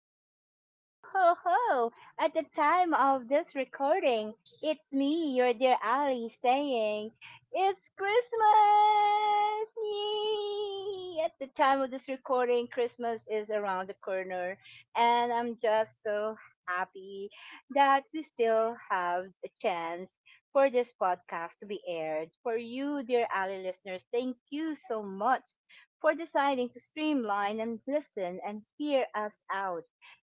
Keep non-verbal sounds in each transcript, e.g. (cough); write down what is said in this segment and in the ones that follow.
hello. Ho, ho, ho. At the time of this recording, it's me, your dear Ali, saying, it's Christmas! Yay! At the time of this recording, Christmas is around the corner, and I'm just so happy that we still have a chance for this podcast to be aired. For you, dear Ali listeners, thank you so much for deciding to streamline and listen and hear us out,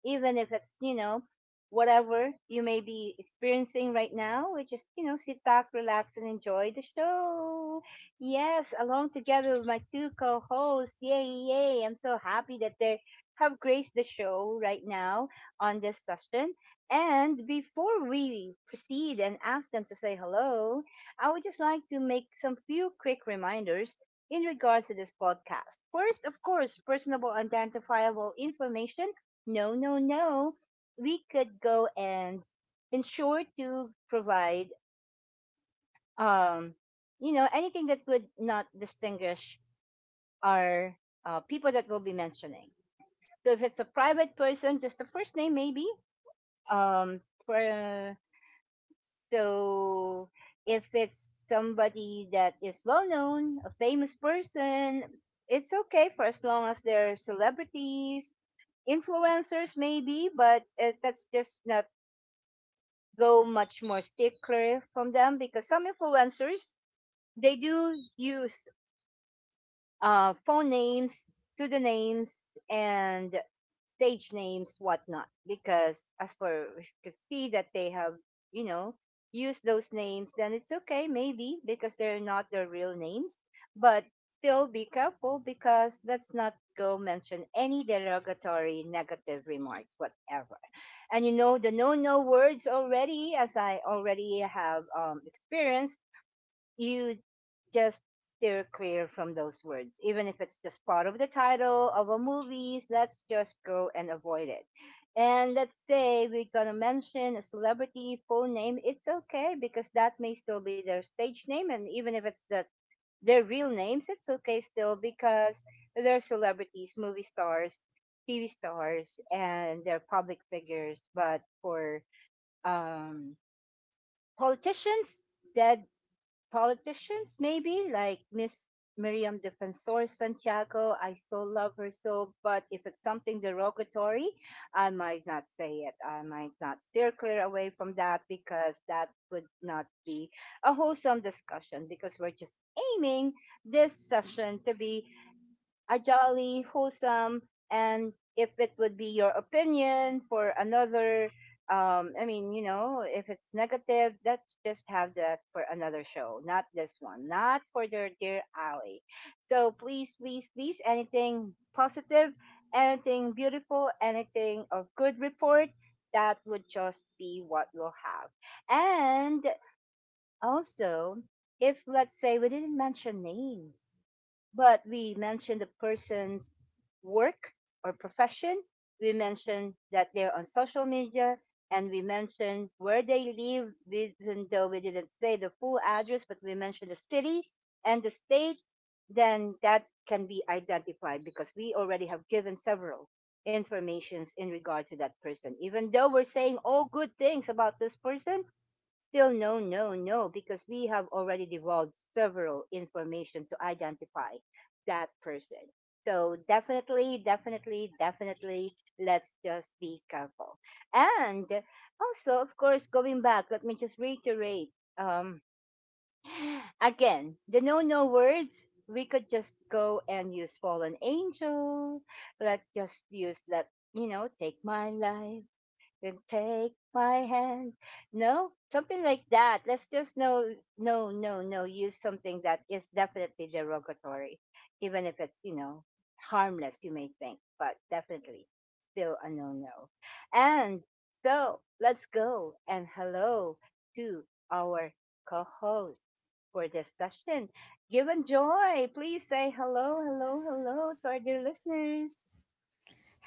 even if it's, whatever you may be experiencing right now. We just, sit back, relax, and enjoy the show. Yes, along together with my two co hosts. Yay, yay. I'm so happy that they have graced the show right now on this session. And before we proceed and ask them to say hello, I would just like to make some few quick reminders in regards to this podcast. First, of course, personable identifiable information. No, no, no. We could go and ensure to provide, um, you know, anything that would not distinguish our people that we'll be mentioning. So if it's a private person, just the first name maybe. Um, for So if it's somebody that is well known, a famous person, it's okay for as long as they're celebrities, influencers maybe, but that's just not go much more stickler from them because some influencers they do use phone names, pseudonyms, and stage names, whatnot, because as for we could see that they have, you know, used those names, then it's okay, maybe, because they're not their real names. But still be careful because let's not go mention any derogatory negative remarks, whatever. And you know, the no no words already, as I already have experienced, you just steer clear from those words. Even if it's just part of the title of a movie, let's just go and avoid it. And let's say we're going to mention a celebrity full name. It's okay because that may still be their stage name. And even if it's the, their real names, it's okay still because they're celebrities, movie stars, TV stars, and they're public figures. But for um, politicians, that politicians, maybe like Miss Miriam Defensor Santiago. I so love her so, but if it's something derogatory, I might not say it. I might not steer clear away from that because that would not be a wholesome discussion because we're just aiming this session to be a jolly, wholesome, and if it would be your opinion for another, I mean, you know, if it's negative, let's just have that for another show, not this one, not for your dear Ali. So please, please, please, anything positive, anything beautiful, anything of good report, that would just be what we'll have. And also, if let's say we didn't mention names, but we mentioned the person's work or profession, we mentioned that they're on social media, and we mentioned where they live, even though we didn't say the full address, but we mentioned the city and the state, then that can be identified because we already have given several informations in regard to that person. Even though we're saying all good things about this person, still no, no, no, because we have already divulged several information to identify that person. So definitely, definitely, definitely, let's just be careful. And also, of course, going back, let me just reiterate um, (sighs) again the no, no words. We could just go and use fallen angel. Let's just use let you know take my life then take my hand. No, something like that. Let's just no, no, no, no. Use something that is definitely derogatory, even if it's you know harmless. You may think, but definitely still a no, no. And so let's go and hello to our co-host for this session. Give and joy. Please say hello, hello, hello to our dear listeners.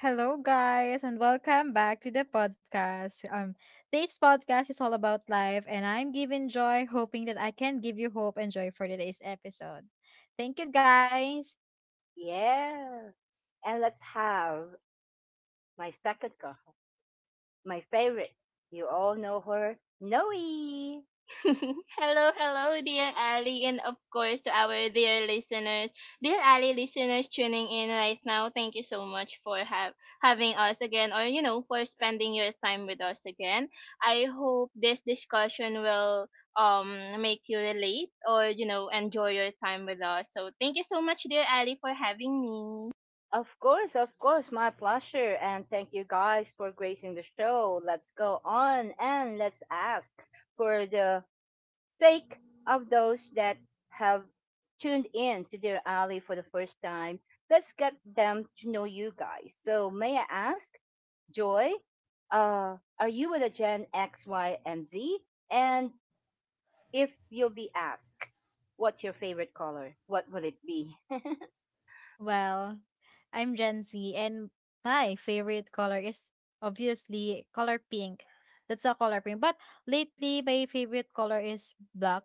Hello, guys, and welcome back to the podcast. Today's podcast is all about life, and I'm giving joy, hoping that I can give you hope and joy for today's episode. Thank you, guys. Yeah. And let's have my second co my favorite. You all know her, Noe. (laughs) Hello, hello, dear Ali, and of course to our dear listeners, dear Ali listeners tuning in right now. Thank you so much for having us again, for spending your time with us again. I hope this discussion will um make you relate or enjoy your time with us. So thank you so much, dear Ali, for having me. Of course, my pleasure. And thank you guys for gracing the show. Let's go on and let's ask for the sake of those that have tuned in to Dear Alley for the first time. Let's get them to know you guys. So, may I ask, Joy, are you with a Gen X, Y, and Z? And if you'll be asked, what's your favorite color? What will it be? (laughs) Well, I'm Gen Z, and my favorite color is obviously color pink. That's a color pink. But lately, my favorite color is black.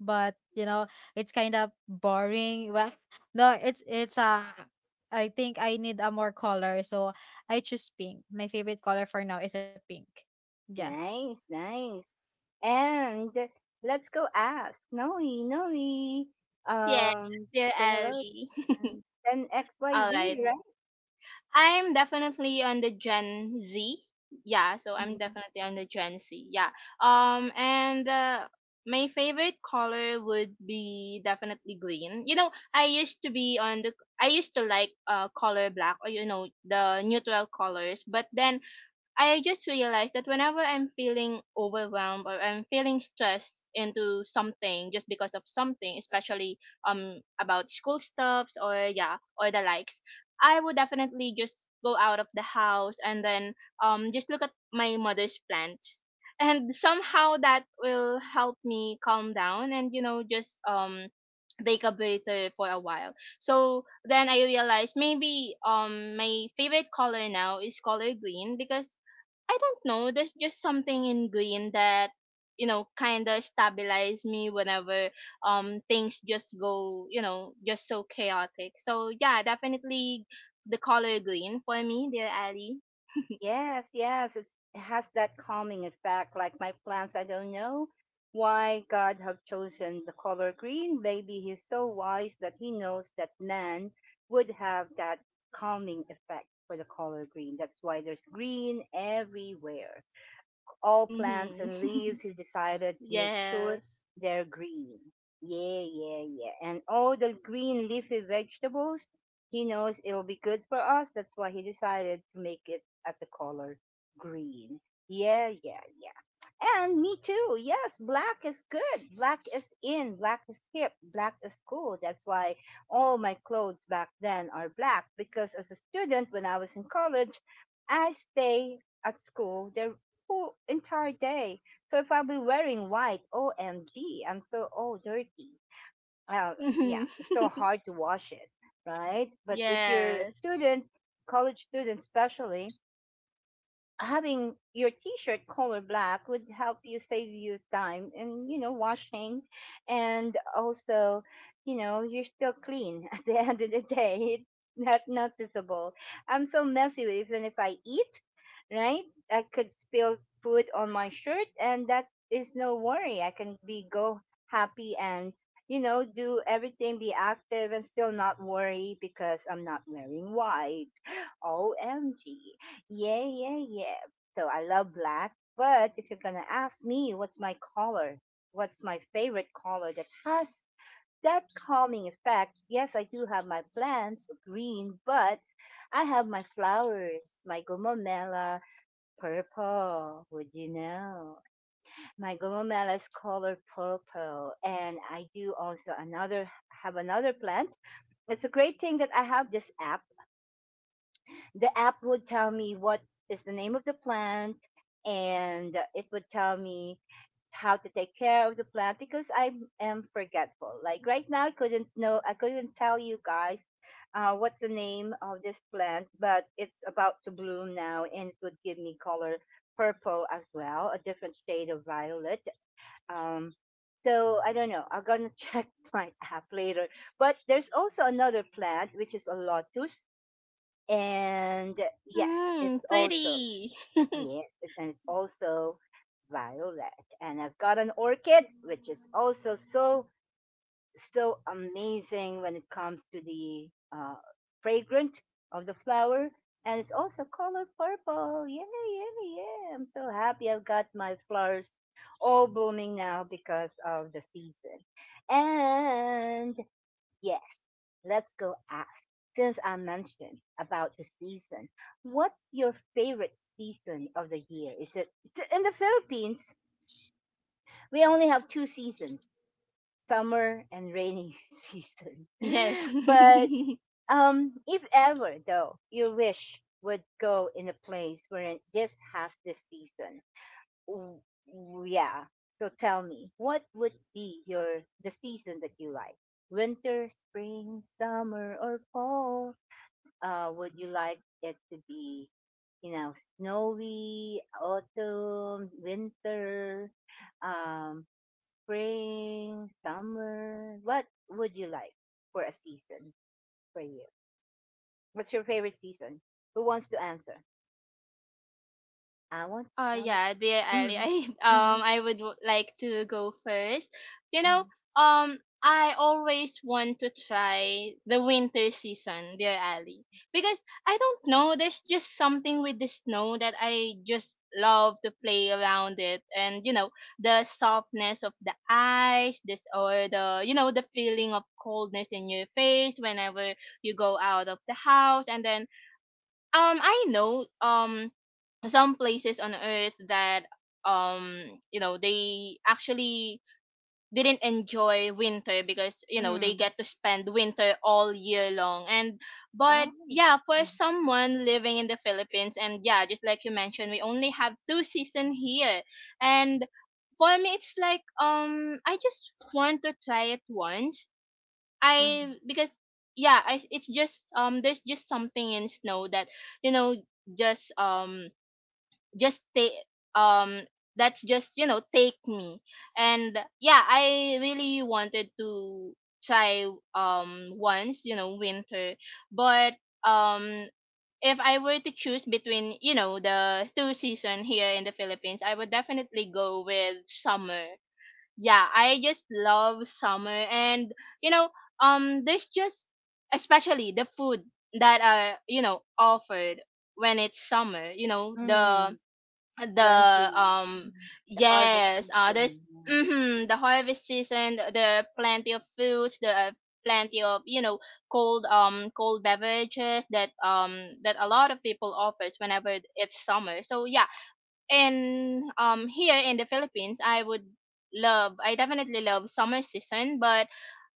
But it's kind of boring. Well, (laughs) no, it's a. I think I need a more color, so I choose pink. My favorite color for now is a pink. Yeah. Nice, nice. And let's go ask Noe, Noe. Yes, Um, dear say hello Ali. (laughs) and then All right. XYZ, I'm definitely on the Gen Z. Yeah, so I'm right? definitely on the Gen Z. Yeah. And my favorite color would be definitely green. I used to like color black, or the neutral colors. But then I just realized that whenever I'm feeling overwhelmed, or I'm feeling stressed into something just because of something, especially about school stuffs, or yeah, or the likes, I would definitely just go out of the house, and then just look at my mother's plants, and somehow that will help me calm down, and just bake a burrito for a while. So then I realized maybe my favorite color now is color green, because I don't know, there's just something in green that kind of stabilize me whenever things just go, just so chaotic. So yeah, definitely the color green for me, dear Ali. (laughs) Yes, yes, it's, it has that calming effect. Like my plants, I don't know why God have chosen the color green. Maybe He's so wise that He knows that man would have that calming effect for the color green. That's why there's green everywhere all plants Mhm. and leaves (laughs) he decided to make sure Yes. they're green. Yeah, yeah, yeah. And all the green leafy vegetables, he knows it'll be good for us. That's why he decided to make it at the color green. Yeah, yeah, yeah. And me too. Yes, black is good. Black is in. Black is hip. Black is cool. That's why all my clothes back then are black because as a student when I was in college, I stay at school the whole entire day. So if I'll be wearing white, O M am so all dirty. Uh, yeah, Mhm. it's so (laughs) hard to wash it, right? But if you're a Yes. student, college student especially, having your t-shirt color black would help you save you time and you know washing and also you know you're still clean (laughs) at the end of the day it's not noticeable. I'm so messy with- even if I eat right I could spill food on my shirt and that is no worry I can be go happy and you know do everything be active and still not worry because I'm not wearing white (laughs) omg yeah, yeah, yeah. So I love black, but if you're gonna ask me what's my color, what's my favorite color that has that calming effect, yes, I do have my plants green, but I have my flowers, my gomomela purple, would you know? My gomomela is color purple, and I do also another have another plant. It's a great thing that I have this app the app would tell me what is the name of the plant and it would tell me how to take care of the plant because I am forgetful. Like right now, I couldn't know, I couldn't tell you guys what's the name of this plant, but it's about to bloom now and it would give me color purple as well, a different shade of violet. Um, so I don't know. I'm gonna (laughs) check my app later. But there's also another plant which is a lotus and yes, it's Mm, also pretty. (laughs) yes, it- and it's also violet. And I've got an orchid, which is also so so amazing when it comes to the fragrant of the flower, and it's also color purple. Yeah, yeah, yeah! I'm so happy I've got my flowers all blooming now because of the season, and yes, let's go ask. Since I mentioned about the season, what's your favorite season of the year? Is it in the Philippines? We only have two seasons, summer and rainy (laughs) season. Yes. But (laughs) if ever though, your wish would go in a place where this has this season, w- yeah. So tell me, what would be your the season that you like? Winter, spring, summer, or fall? Would you like it to be, you know, snowy, autumn, winter, um, spring, summer? What would you like for a season for you? What's your favorite season? Who wants to answer? I want. I want yeah, dear Ali, mm, I (laughs) mm-hmm, I would like to go first. You know, mm-hmm, um I always want to try the winter season, dear Ali, because I don't know, there's just something with the snow that I just love to play around it. And the softness of the ice, this or the the feeling of coldness in your face whenever you go out of the house. And then I know some places on earth that um they actually didn't enjoy winter, because they mm. get to spend winter all year long. And but Oh. yeah, for someone living in the Philippines, and yeah, just like you mentioned, we only have two season here. And for me it's like, I just want to try it once. Mm, I because yeah, I it's just there's just something in snow that you know just um just take um that's just you know take me. And yeah, I really wanted to try once, winter. But um if I were to choose between, the two season here in the Philippines, I would definitely go with summer. Yeah, I just love summer. And, you know there's just, especially, the food that are, offered when it's summer. You know, mm, the— 20. the um Mm, The harvest yes, season. there's— Yeah. mm-hmm, the harvest season, the plenty of foods, the plenty of, cold— cold beverages that that a lot of people offers whenever it's summer. So yeah. And here in the Philippines, I definitely love summer season. But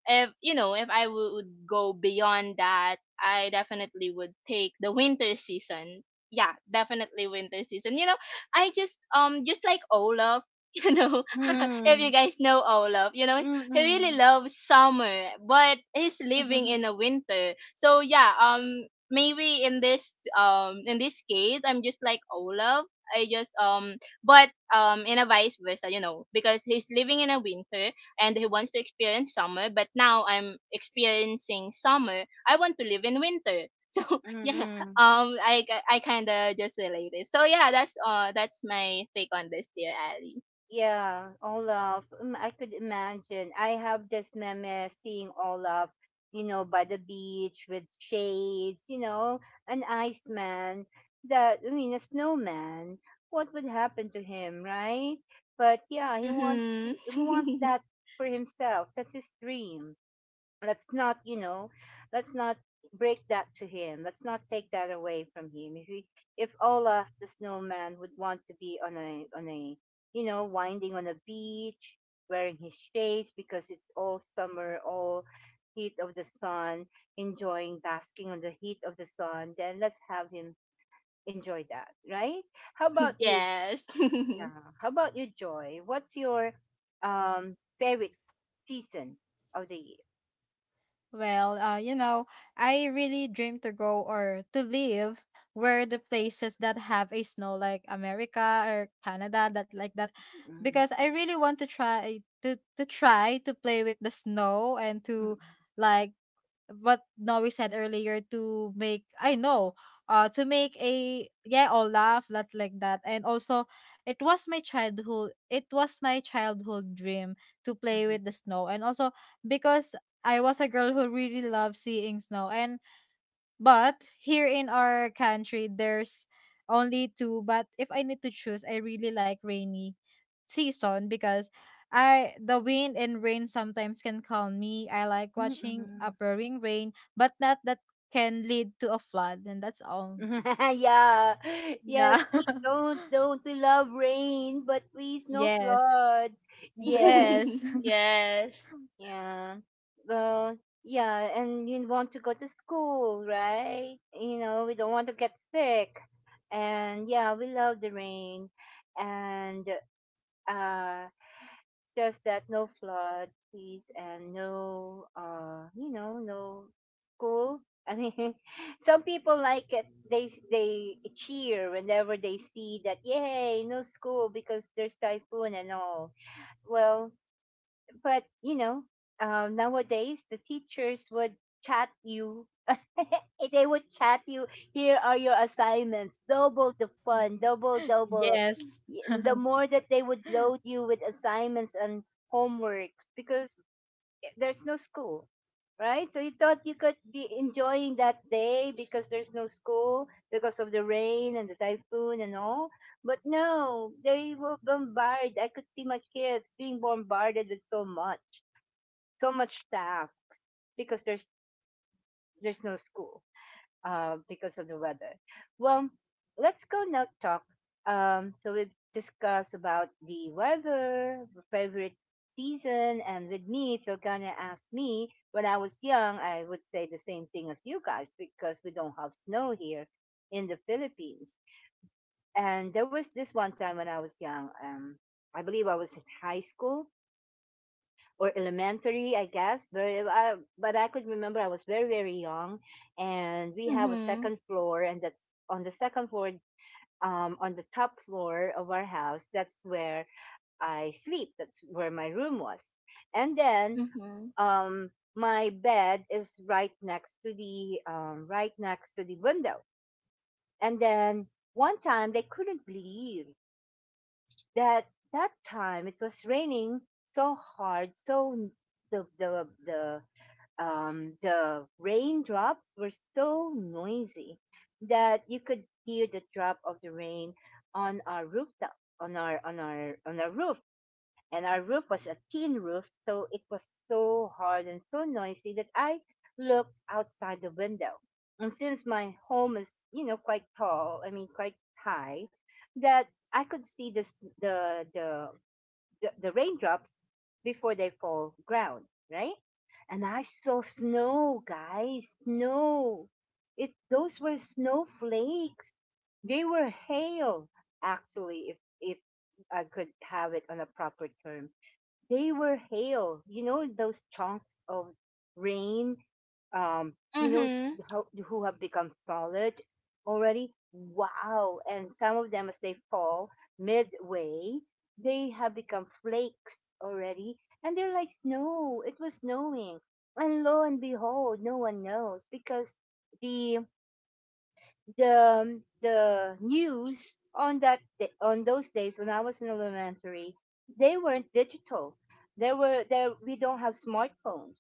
if, if I would go beyond that, I definitely would take the winter season. Yeah, definitely winter season. I just like Olaf, (laughs) you know, (laughs) if Mm, you guys know Olaf, he really mm-mm. loves summer, but he's living in (laughs) a winter. So yeah, maybe in this— case I'm just like Olaf. I just but in a vice versa, because he's living in a winter, and who wants to experience summer. But now I'm experiencing summer. I want to live in winter. (laughs) So yeah, Mm-mm. um, I I kind of just related. So yeah, that's— that's my take on this, dear Ali. Yeah, Olaf. Mm, I could imagine. I have this meme seeing Olaf, you know, by the beach with shades, you know, an iceman that, I mean, a snowman. What would happen to him, right? But yeah, he wants to, Mhm. he wants that for himself. That's his dream. Let's not you know let's not break that to him. Let's not take that away from him if he, if Olaf the snowman would want to be on a you know winding on a beach wearing his shades because it's all summer all heat of the sun enjoying basking on the heat of the sun then let's have him enjoy that, right? How about (laughs) you? Yes. Yeah (laughs) how about you Joy, what's your favorite season of the year? Well, I really dream to go or to live where the places that have a snow like America or Canada that like that, Mm mm. because I really want to try to play with the snow and Mm. to, like what Noe said earlier, to make, I know to make a, yeah, all laugh lot like that. And also, it was my childhood dream to play with the Mhm. snow. And also because I was a girl who really loved seeing snow. And but here in our country, there's only two. But if I need to choose, I really like rainy season, because I the wind and rain sometimes can calm me. I like watching a Mm-mm. pouring rain, but not that can lead to a flood, and that's all. (laughs) Yeah. Yes, Yeah. please (laughs) don't we love rain, but please no Yes. flood. Yes. Yes. (laughs) yes. Yeah. Well, yeah, and you want to go to school, right? You know, we don't want to get sick. And yeah, we love the rain. And uh just that no flood, please, and no, you know, no school. I mean, (laughs) some people like it. They they cheer whenever they see that, yay, no school because there's typhoon and all. Well, but you know, Nowadays the teachers would chat you. (laughs) They would chat you. Here are your assignments. Double the fun. Double, double. Yes. The more that they would load you with assignments and homeworks, because there's no school, right? So you thought you could be enjoying that day because there's no school, because of the rain and the typhoon and all. But no, they were bombarded. I could see my kids being bombarded with so much, so much tasks because there's no school, because of the weather. Well, let's go now talk. So we've discussed about the weather, favorite season, and with me, if you're gonna ask me, when I was young, I would say the same thing as you guys because we don't have snow here in the Philippines. And there was this one time when I was young, I believe I was in high school, or elementary, I guess. But I could remember I was very young, and we have a Mhm. second floor, and that's on the second floor. On the top floor of our house, that's where I sleep. That's where my room was, and then Mhm. um, my bed is right next to the right next to the window. And then one time they couldn't believe that that time it was raining so hard, so the the the the raindrops were so noisy that you could hear the drop of the rain on our rooftop, on our on our roof. And our roof was a tin roof, so it was so hard and so noisy that I looked outside the window. And since my home is, you know, quite tall, I mean, quite high, that I could see this the the the raindrops before they fall ground, right? And I saw snow, guys, snow. It Those were snowflakes. They were hail, actually, if I could have it on a proper term they were hail. You know those chunks of rain, um, you know Mhm. how, who have become solid already. Wow! And some of them, as they fall midway, they have become flakes already, and they're like snow. It was snowing, and lo and behold, no one knows because the the news on that on those days when I was in elementary, they weren't digital. There we don't have smartphones,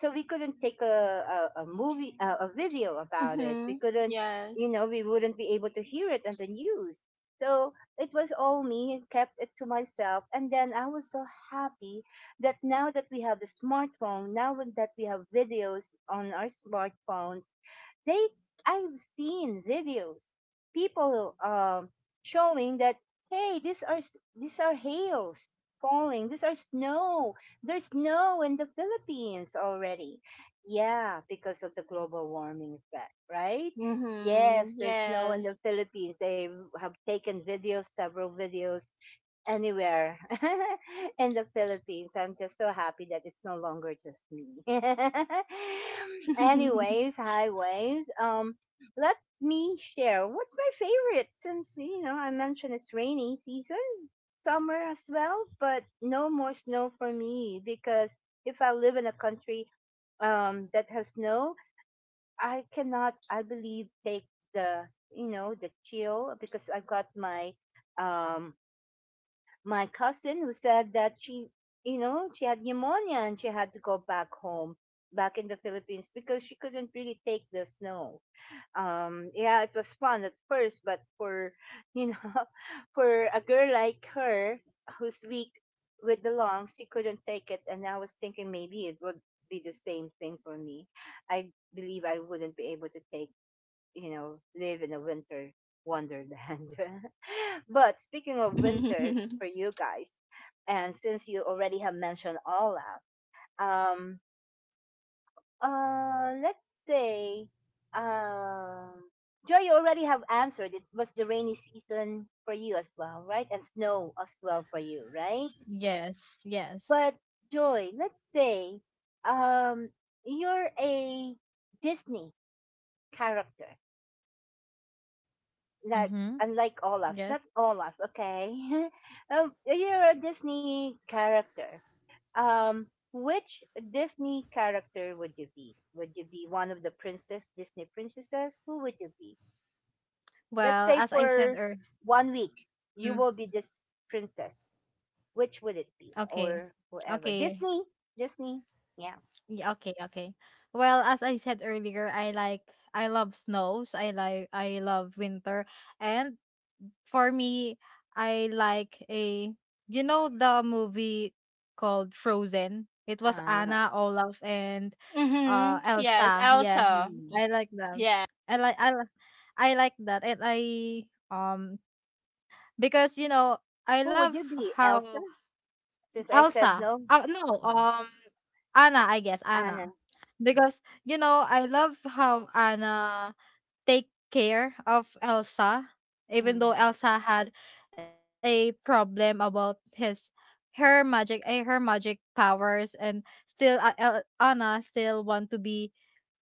so we couldn't take a movie a video about it. We Mhm. couldn't, you Yes. know, we wouldn't be able to hear it on the news. So it was all me and kept it to myself. And then I was so happy that now that we have the smartphone, now that we have videos on our smartphones, they I've seen videos, people, showing that hey, these are these are hails falling, these are snow. There's snow in the Philippines already. Yeah, because of the global warming effect, right? Mhm. Yes, there's snow in the Yes. Philippines. They have taken videos, several videos, anywhere (laughs) in the Philippines. I'm just so happy that it's no longer just me. (laughs) (laughs) Anyways, highways. Let me share. What's my favorite? Since you know I mentioned it's rainy season, summer as well, but no more snow for me because if I live in a country that has snow, I cannot. I believe take the you know the chill because I've got my um my cousin who said that she, you know, she had pneumonia and she had to go back home, back in the Philippines, because she couldn't really take the snow. Yeah, it was fun at first, but for, you know, (laughs) for a girl like her who's weak with the lungs, she couldn't take it. And I was thinking maybe it would be the same thing for me. I believe I wouldn't be able to take, you know, live in a winter wonderland. (laughs) But speaking of winter for you guys, and since you already have mentioned Olaf, um, let's say, um, Joy, you already have answered. It was the rainy season for you as well, right? And snow as well for you, right? (laughs) Yes. Yes. But Joy, let's say, um, you're a Disney character like Mm-hmm. unlike Olaf, Yes. not Olaf, okay? (laughs) You're a Disney character. Um, which Disney character would you be? Would you be one of the princess Disney princesses? Who would you be? Let's Well, say as I said for one week you earlier, will be this princess. Which would it be, okay. or whoever? Okay. Disney, Disney, yeah. Yeah, okay, okay. Well, as I said earlier, I love snows. I love winter. And for me, I like a the movie called Frozen. It was Uh, Anna, Olaf, and mhm. Yes. Elsa. Yeah. Elsa. hmm. I like them. Yes. I like I li- I like that. And I, um because, I Who would love you be, Elsa? how Since I said Elsa. no, No, Uh, Anna, I guess, Anna. Anna. Because, I love how Anna take care of Elsa, even though Mm. Elsa had a problem about his her magic, her magic powers. And still, Anna still want to be,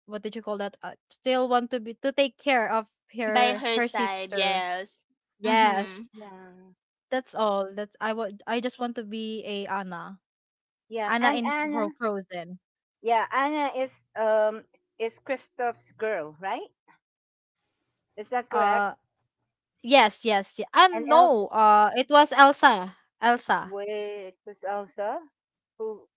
what did you call that? Still want to be, to take care of By her her side, sister. yes. Mhm. Yes, Yeah. that's all. That's I want. I just want to be a Anna. Yeah, Anna and in Anna, Frozen. yeah, Anna is Kristoff's girl, right? Is that correct? Uh, yes, yes, yeah. And No. Elsa, It was Elsa. Elsa. wait, was Elsa who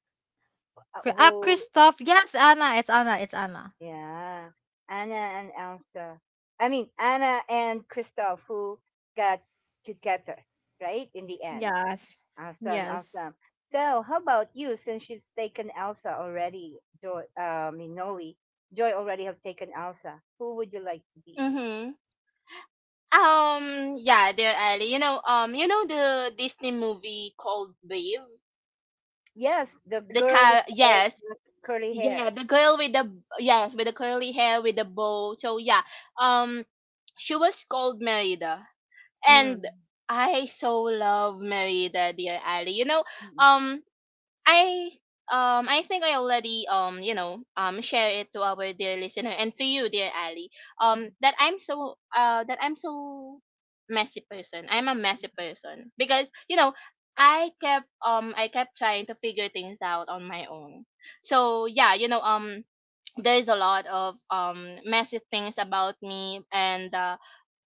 who? Kristoff. Yes, Anna. It's Anna. It's Anna. Yeah, Anna and Elsa. I mean Anna and Kristoff who got together, right? In the end, Yes, awesome, yes, awesome. So, how about you? Since she's taken Elsa already, Joy, I mean Noe, Joy already have taken Elsa. Who would you like to be? Mm-hmm. Um, yeah, dear Ali. You know the Disney movie called Brave. Yes, the girl with Yes, the curly hair. yeah, the girl with the yes, with the curly hair with the bow. So yeah, um, she was called Merida, and Mm. I so love Merida, dear Ali. Mm. um, I I think I already share it to our dear listener, and to you, dear Ali, that I'm so messy person. I'm a messy person, because, I kept trying to figure things out on my own. So yeah, there's a lot of messy things about me, and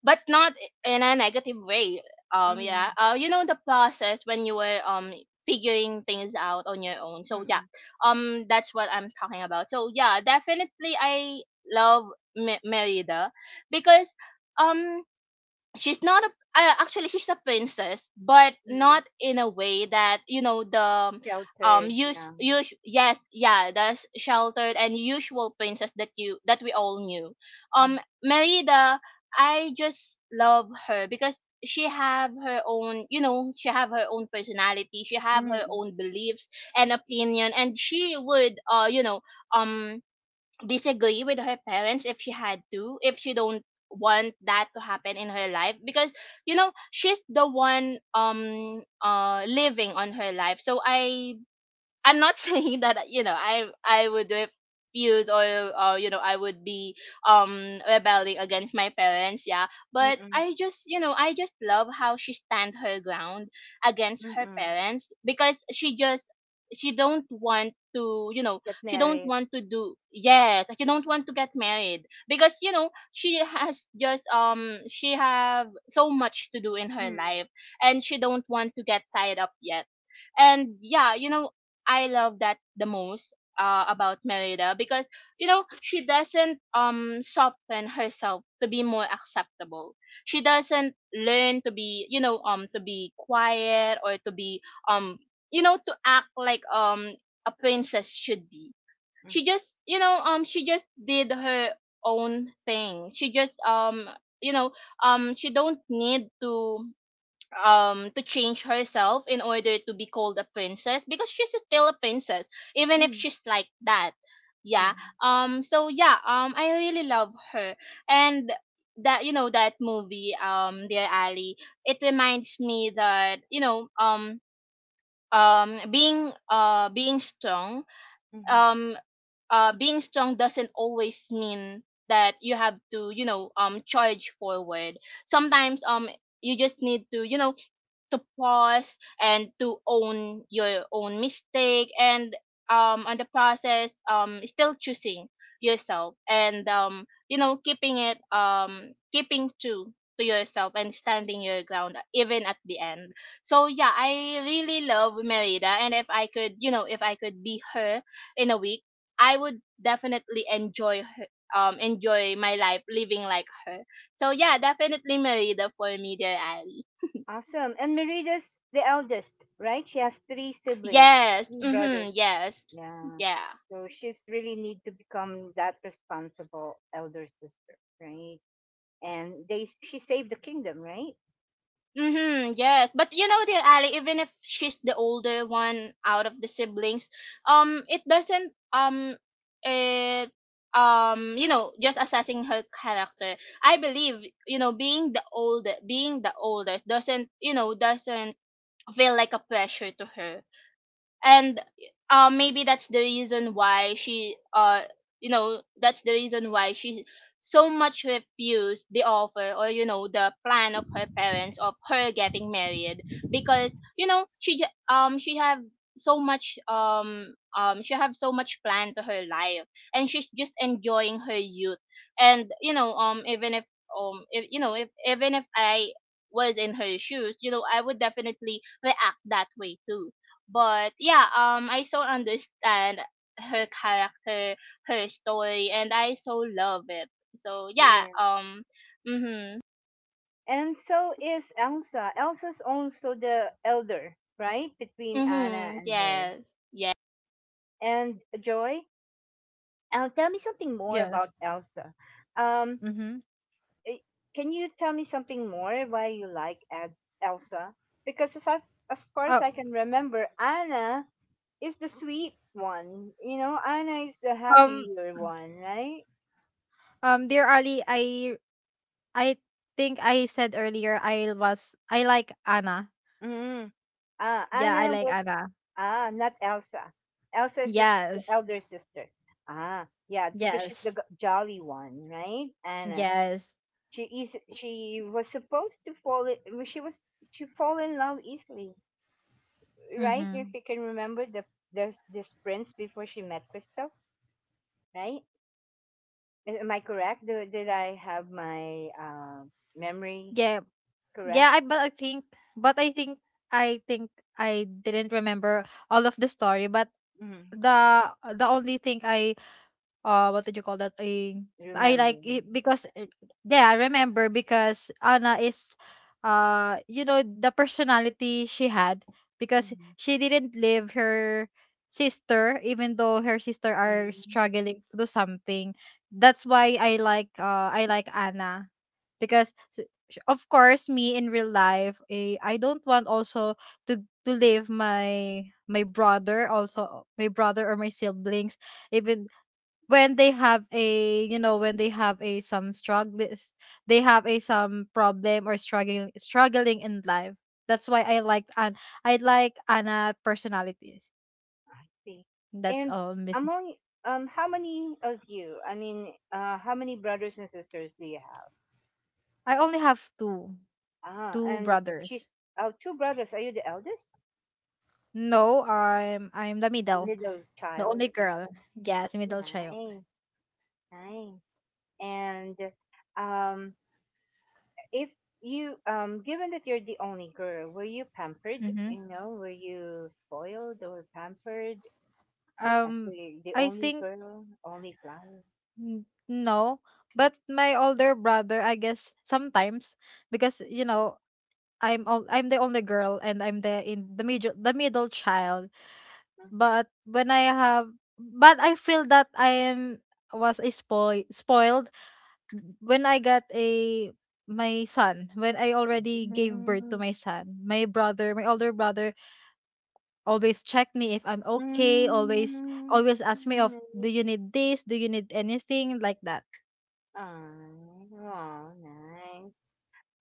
but not in a negative way. Mm. Yeah. You know the process when you were figuring things out on your own. So yeah, Mm. That's what I'm talking about. So yeah, definitely I love Merida, because um she's not a actually, she's a princess, but Mm. not in a way that, you know, the— Sheltered. use Yeah. use yes, yeah, the sheltered and usual princess that we all knew. Mm. Merida, I just love her because she have her own— you know, she have her own personality, she have her Mm. own beliefs and opinion, and she would um disagree with her parents if she don't want that to happen in her life, because, she's the one living on her life. So I'm not (laughs) saying that, I would refuse, or, I would be rebelling against my parents, yeah. But Mm. I just— I just love how she stand her ground against Mm. her Mm. parents. Because she don't want to— Get she don't married. want to do yes, she don't want to get married, because, she has just she have so much to do in her Mm. life, and she don't want to get tied up yet. And yeah, I love that the most about Merida, because, she doesn't soften herself to be more acceptable. She doesn't learn to be— to be quiet, or to be um to act like a princess should be. Mm. She just— she just did her own thing. She just you know she don't need to— to change herself in order to be called a princess, because she's still a princess even if Mm. she's like that. Mm. Yeah, so yeah, I really love her. And that you know that movie, dear Ali, it reminds me that, um being uh being strong Mm. um being strong doesn't always mean that you have to, charge forward. Sometimes, you just need to, to pause, and to own your own mistake, and on the process still choosing yourself, and keeping it keeping true to yourself, and standing your ground even at the end. So yeah, I really love Merida, and if I could— if I could be her in a week, I would definitely enjoy her enjoy my life living like her. So yeah, definitely Merida for me, dear Ali. Awesome. And Merida's the eldest, right? She has three siblings, Yes. three Mhm. brothers. Yes. Yeah. Yeah. So she's really need to become that responsible elder sister, right? And they she saved the kingdom, right? Mhm. Yes. But, dear Ali, even if she's the older one out of the siblings, it doesn't it just assessing her character. I believe, being the oldest doesn't, doesn't feel like a pressure to her. And maybe that's the reason why she so much refused the offer, or, the plan of her parents, of her getting married. Because, she have so much plan to her life. And she's just enjoying her youth, and, even if— even if I was in her shoes, I would definitely react that way too. But yeah, I so understand her character, her story, and I so love it. So yeah. Yeah. Mhm, And so is Elsa. Elsa's also the elder, right? Between Anna mhm. and her. Yes, And Joy, tell me something more about yes. Elsa. Um, Mm-hmm. eh, can you tell me something more why you like Elsa? Because as, I, as far Uh, as I can remember, Anna is the sweet one. You know, Anna is the um, happier one, right? Dear Ali, I think I said earlier I like Anna. Ah, Yeah, I Anna like was Anna. ah not Elsa. Elsa is the, the Yes, elder sister. Ah, yeah, because she's the yes, jolly one, right? Anna. yes. She is. She was supposed to fall. She was. She fall in love easily, right? Mm-hmm. If you can remember there's this prince before she met Christoph, right? Am I correct? Did I have my memory Yeah, Yeah, correct? I but I think I think I didn't remember all of the story. But Mm-hmm. The only thing I, what did you call that, a, I Remember? like it because it- yeah, I remember, because Anna is, the personality she had, because she didn't leave her sister even though her sister are Mm-hmm. struggling to do something. That's why I like Anna, because of course, me in real life, I don't want also to leave my brother or my siblings, even when they have a when they have a some struggle, they have a some problem, or struggling in life. That's why I like Anna personalities. I see. That's And all, Miss. among, how many of you? How many brothers and sisters do you have? I only have two, Ah, and brothers. she's oh, two brothers. Are you the eldest, No, I'm the the middle. middle The child? only Yeah. girl. Ah, Yes, middle child. nice, nice. And um, if you given that you're the only girl, were you pampered? Mm-hmm. You know, were you spoiled or pampered as um the I only think, girl, only flower? No. But my older brother, I guess sometimes, because, I'm the only girl and I'm the in the middle child. But when I have but I feel that I am was a spoiled when I got a, my son, when I already gave birth Mm-hmm. to my son, my brother, my older brother, always check me if I'm okay. Mm, Always mm, ask me of, do nice. you need this? Do you need anything like that? Aw, nice.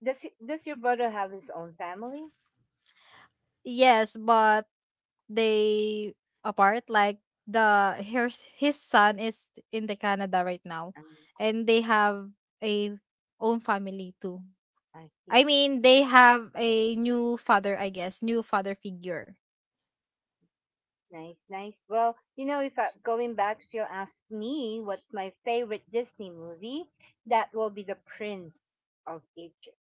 Does your brother have his own family? Yes, but they apart. Like the, his son is in the Canada right now, Um, and they have a own family too. I see. I mean, they have a new father, I guess, new father figure. Nice, nice. Well, you know, if I, going back, if you ask me what's my favorite Disney movie, that will be The Prince of Egypt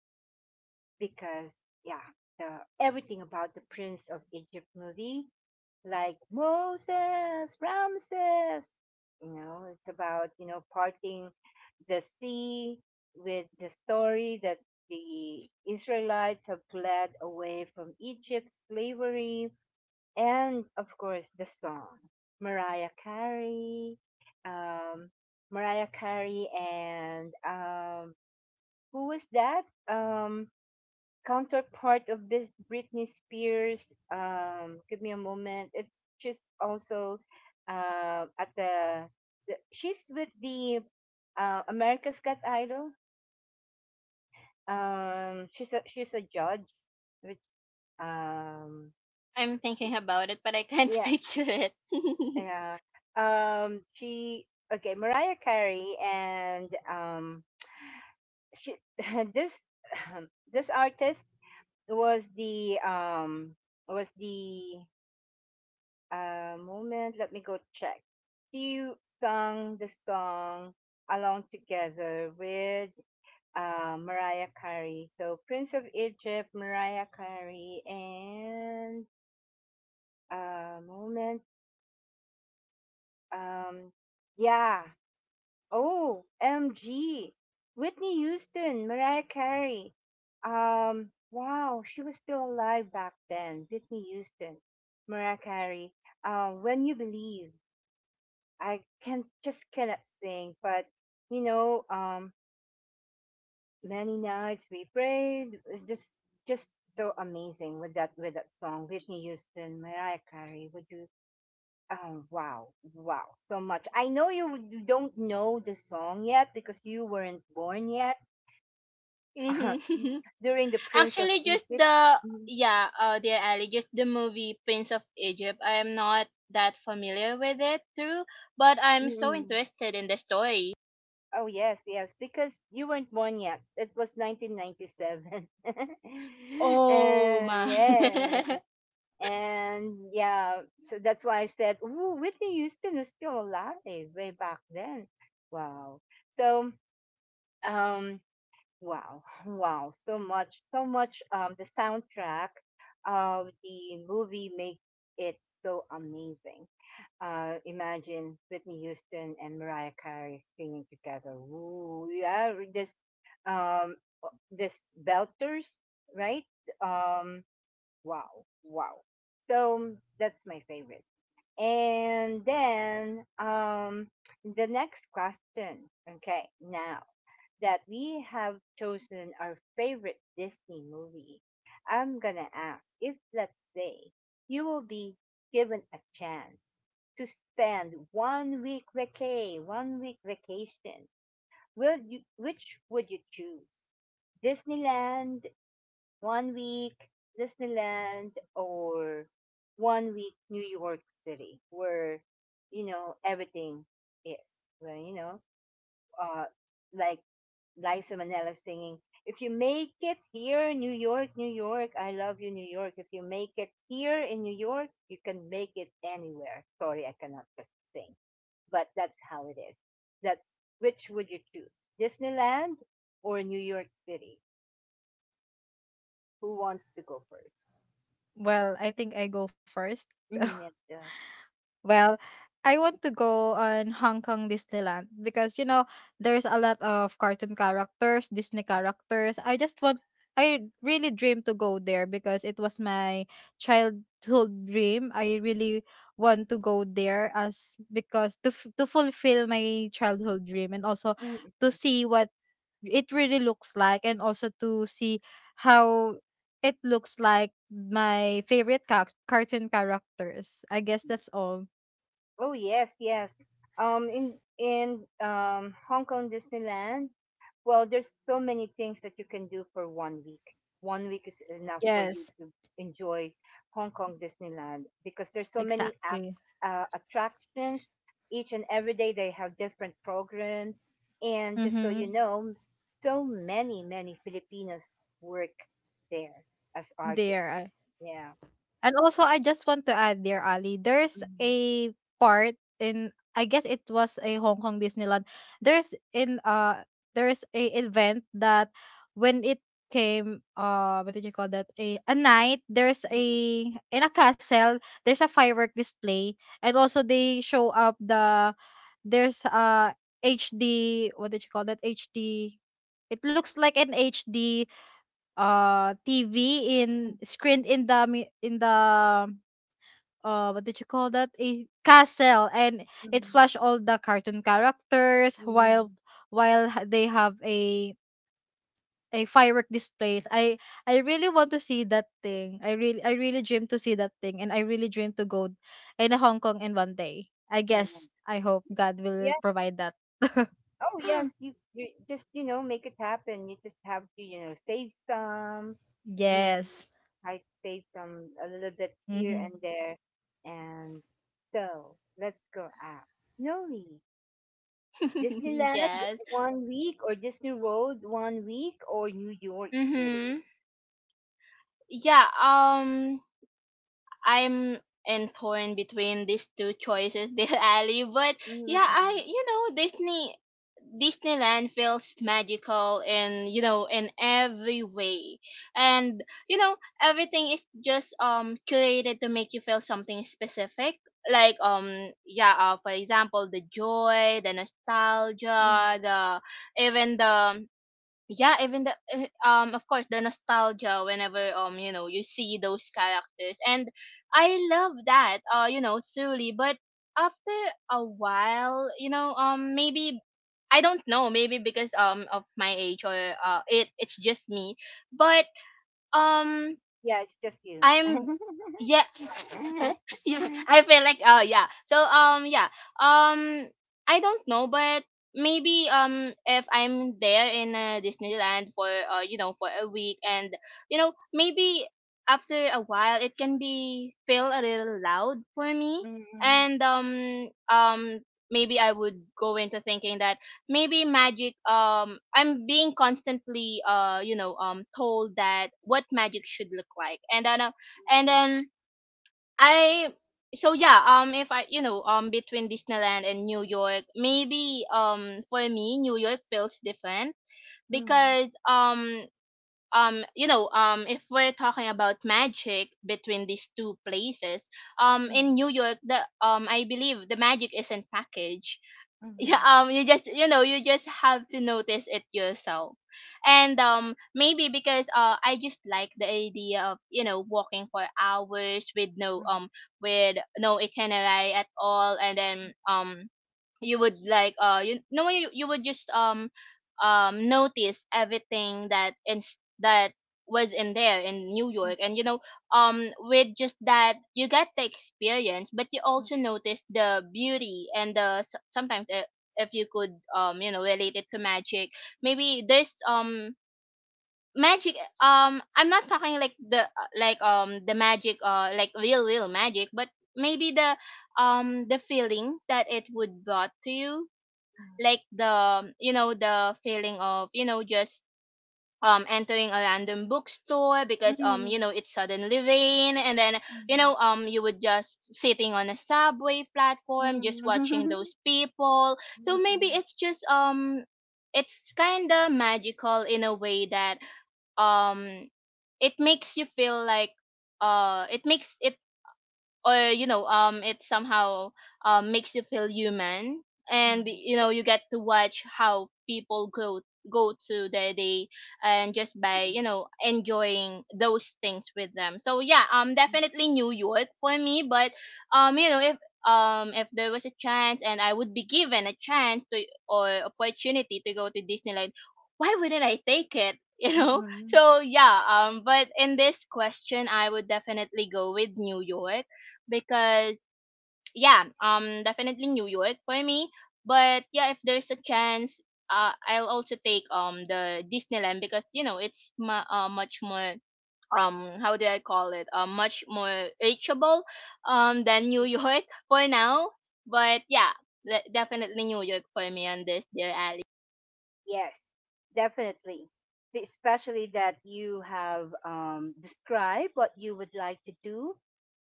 because yeah, the everything about the Prince of Egypt movie like Moses, Ramses. You know, it's about, you know, parting the sea with the story that the Israelites have fled away from Egypt's slavery. And of course, the song Mariah Carey, um, Mariah Carey, and who was that? Counterpart of this Britney Spears. Give me a moment. It's just also uh, at the, the she's with the America's Got Idol. She's a judge, which um I'm thinking about it, but I can't (laughs) yeah picture it. (laughs) yeah she okay, Mariah Carey and she (laughs) this (clears throat) (laughs) this artist was the um was the A moment, let me go check. She sung the song along together with, Mariah Carey. So Prince of Egypt, Mariah Carey, and a moment, um, yeah. Oh, MG, Whitney Houston, Mariah Carey. Wow, she was still alive back then. Whitney Houston, Mariah Carey. When you believe. I can just cannot sing, but you know, many nights we prayed. It's just so amazing with that song, Whitney Houston, Mariah Carey. Would you? Oh wow, wow, so much. You don't know the song yet because you weren't born yet Mhm. (laughs) (laughs) during the Prince of actually just Egypt. the Mhm. yeah, dear Ali, just the movie Prince of Egypt, I'm not that familiar with it too, but I'm so Mm. interested in the story. Oh yes, yes, because you weren't born yet. It was 1997, (laughs) Oh and my. yeah, and yeah, so that's why I said, ooh, Whitney Houston was still alive way back then. Wow. So, um, wow, wow, so much, so much. The soundtrack of the movie makes it so amazing. Imagine Whitney Houston and Mariah Carey singing together. Ooh, yeah, this, um, this belters, right? Um, Wow. Wow. So that's my favorite. And then the next question. Okay, now that we have chosen our favorite Disney movie, I'm gonna ask if let's say you will be given a chance to spend one week vacay, one week vacation, will you which would you choose? Disneyland one week Disneyland or one week New York City, where you know everything is. Well, uh, like Liza Minnelli singing, "If you make it here, New York, New York, I love you, New York. If you make it here in New York, you can make it anywhere." Sorry, I cannot just sing, but that's how it is. That's which would you choose, Disneyland or New York City? Who wants to go first? Well, I think I go first. (laughs) Mm, yes, go ahead. Well, I want to go on Hong Kong Disneyland, because there's a lot of cartoon characters, Disney characters. I just want I really dream to go there, because it was my childhood dream. I really want to go there, as because, to fulfill my childhood dream, and also Mm, to mm. see what it really looks like, and also to see how it looks like, my favorite cartoon characters. I guess that's all. Oh yes, yes. In Hong Kong Disneyland, well, there's so many things that you can do for one week. One week is enough for you Yes, to enjoy Hong Kong Disneyland because there's so many ac exactly. Attractions. Each and every day they have different programs, and just so Mm-hmm. you know, so many Filipinos work there as There. artists. Yeah. And also I just want to add there, Ali, there's Mhm, a part in, I guess it was a Hong Kong Disneyland. There's a event that, when it came, what did you call that? A night, there's a, mhm, in a castle, there's a firework display. And also, they show up there's, HD, what did you call that? HD, it looks like an HD TV in screened in in the, what did you call that, a castle. And it mhm, flashed all the cartoon characters mhm, while, mhm. They have a firework displays. I really want to see that thing. I really dream to see that thing. And I really dream to go in Hong Kong in one day, I Yeah. guess. I hope God will Yeah. provide that. Oh, (laughs) yes. You just make it happen. You just have to save some. You know, Yes. try to save some a little bit here Mm-hmm. and there. And so let's go out. Noli, (laughs) Disneyland Yes. one week or Disney World one week or New York City. Mhm. Yeah, I'm in torn between these two choices, (laughs) dear Ali. But yeah, Mm-hmm. Disneyland feels magical in— every way. And everything is just curated to make you feel something specific. Like for example, the joy, the Hmm. nostalgia, the even the yeah even the of course the nostalgia whenever you see those characters, and I love that truly. But after a while, maybe, I don't know, maybe because of my age, or it's just me. But um Yeah, it's just you. (laughs) I'm yeah. (laughs) Yeah, I feel like, oh yeah. Um I don't know, but maybe if I'm there in Disneyland for for a week, and you know, maybe after a while it can be feel a little loud for me. Mm-hmm. And maybe I would go into thinking that maybe magic, I'm being constantly told that what magic should look like. And then I So yeah, if I, between Disneyland and New York, maybe for me, New York feels different Mm-hmm. because if we're talking about magic between these two places, in New York, the I believe the magic isn't packaged. Mm-hmm. Yeah, you just, you know, you just have to notice it yourself. And maybe because I just like the idea of, you know, walking for hours with no itinerary at all. And then you would like you no you, you would just notice everything that in that was in there in New York. And you know, with just that you get the experience, but you Mm-hmm. also notice the beauty and the sometimes if you could, relate it to magic, maybe there's magic. I'm not talking like the the magic like real magic, but maybe the feeling that it would brought to you, like the feeling of, you know, just entering a random bookstore Mm, because, you mm, know, it's suddenly rain. And then, you mm. know, you would just sitting on a subway platform just watching (laughs) those people. So maybe Mm, it's just it's kind of magical in a way that um it makes you feel like it makes it or you know, it somehow makes you feel human. And mm, you know, you get to watch how people go to their day, and just by, you know, enjoying those things with them. So yeah, mm, definitely New York for me. But you know, if there was a chance and I would be given a chance to or opportunity to go to Disneyland, why wouldn't I take it? (laughs) You mm, know, mm. so yeah, but in this question, I would definitely go with New York. Because yeah, definitely New York for me. But yeah, if there's a chance, I'll also take the Disneyland, because you know it's much more how do I call it, much more reachable than New (laughs) York for now. But yeah, definitely New York for me on this, dear Ali. Yes, definitely. Especially that you have described what you would like to do.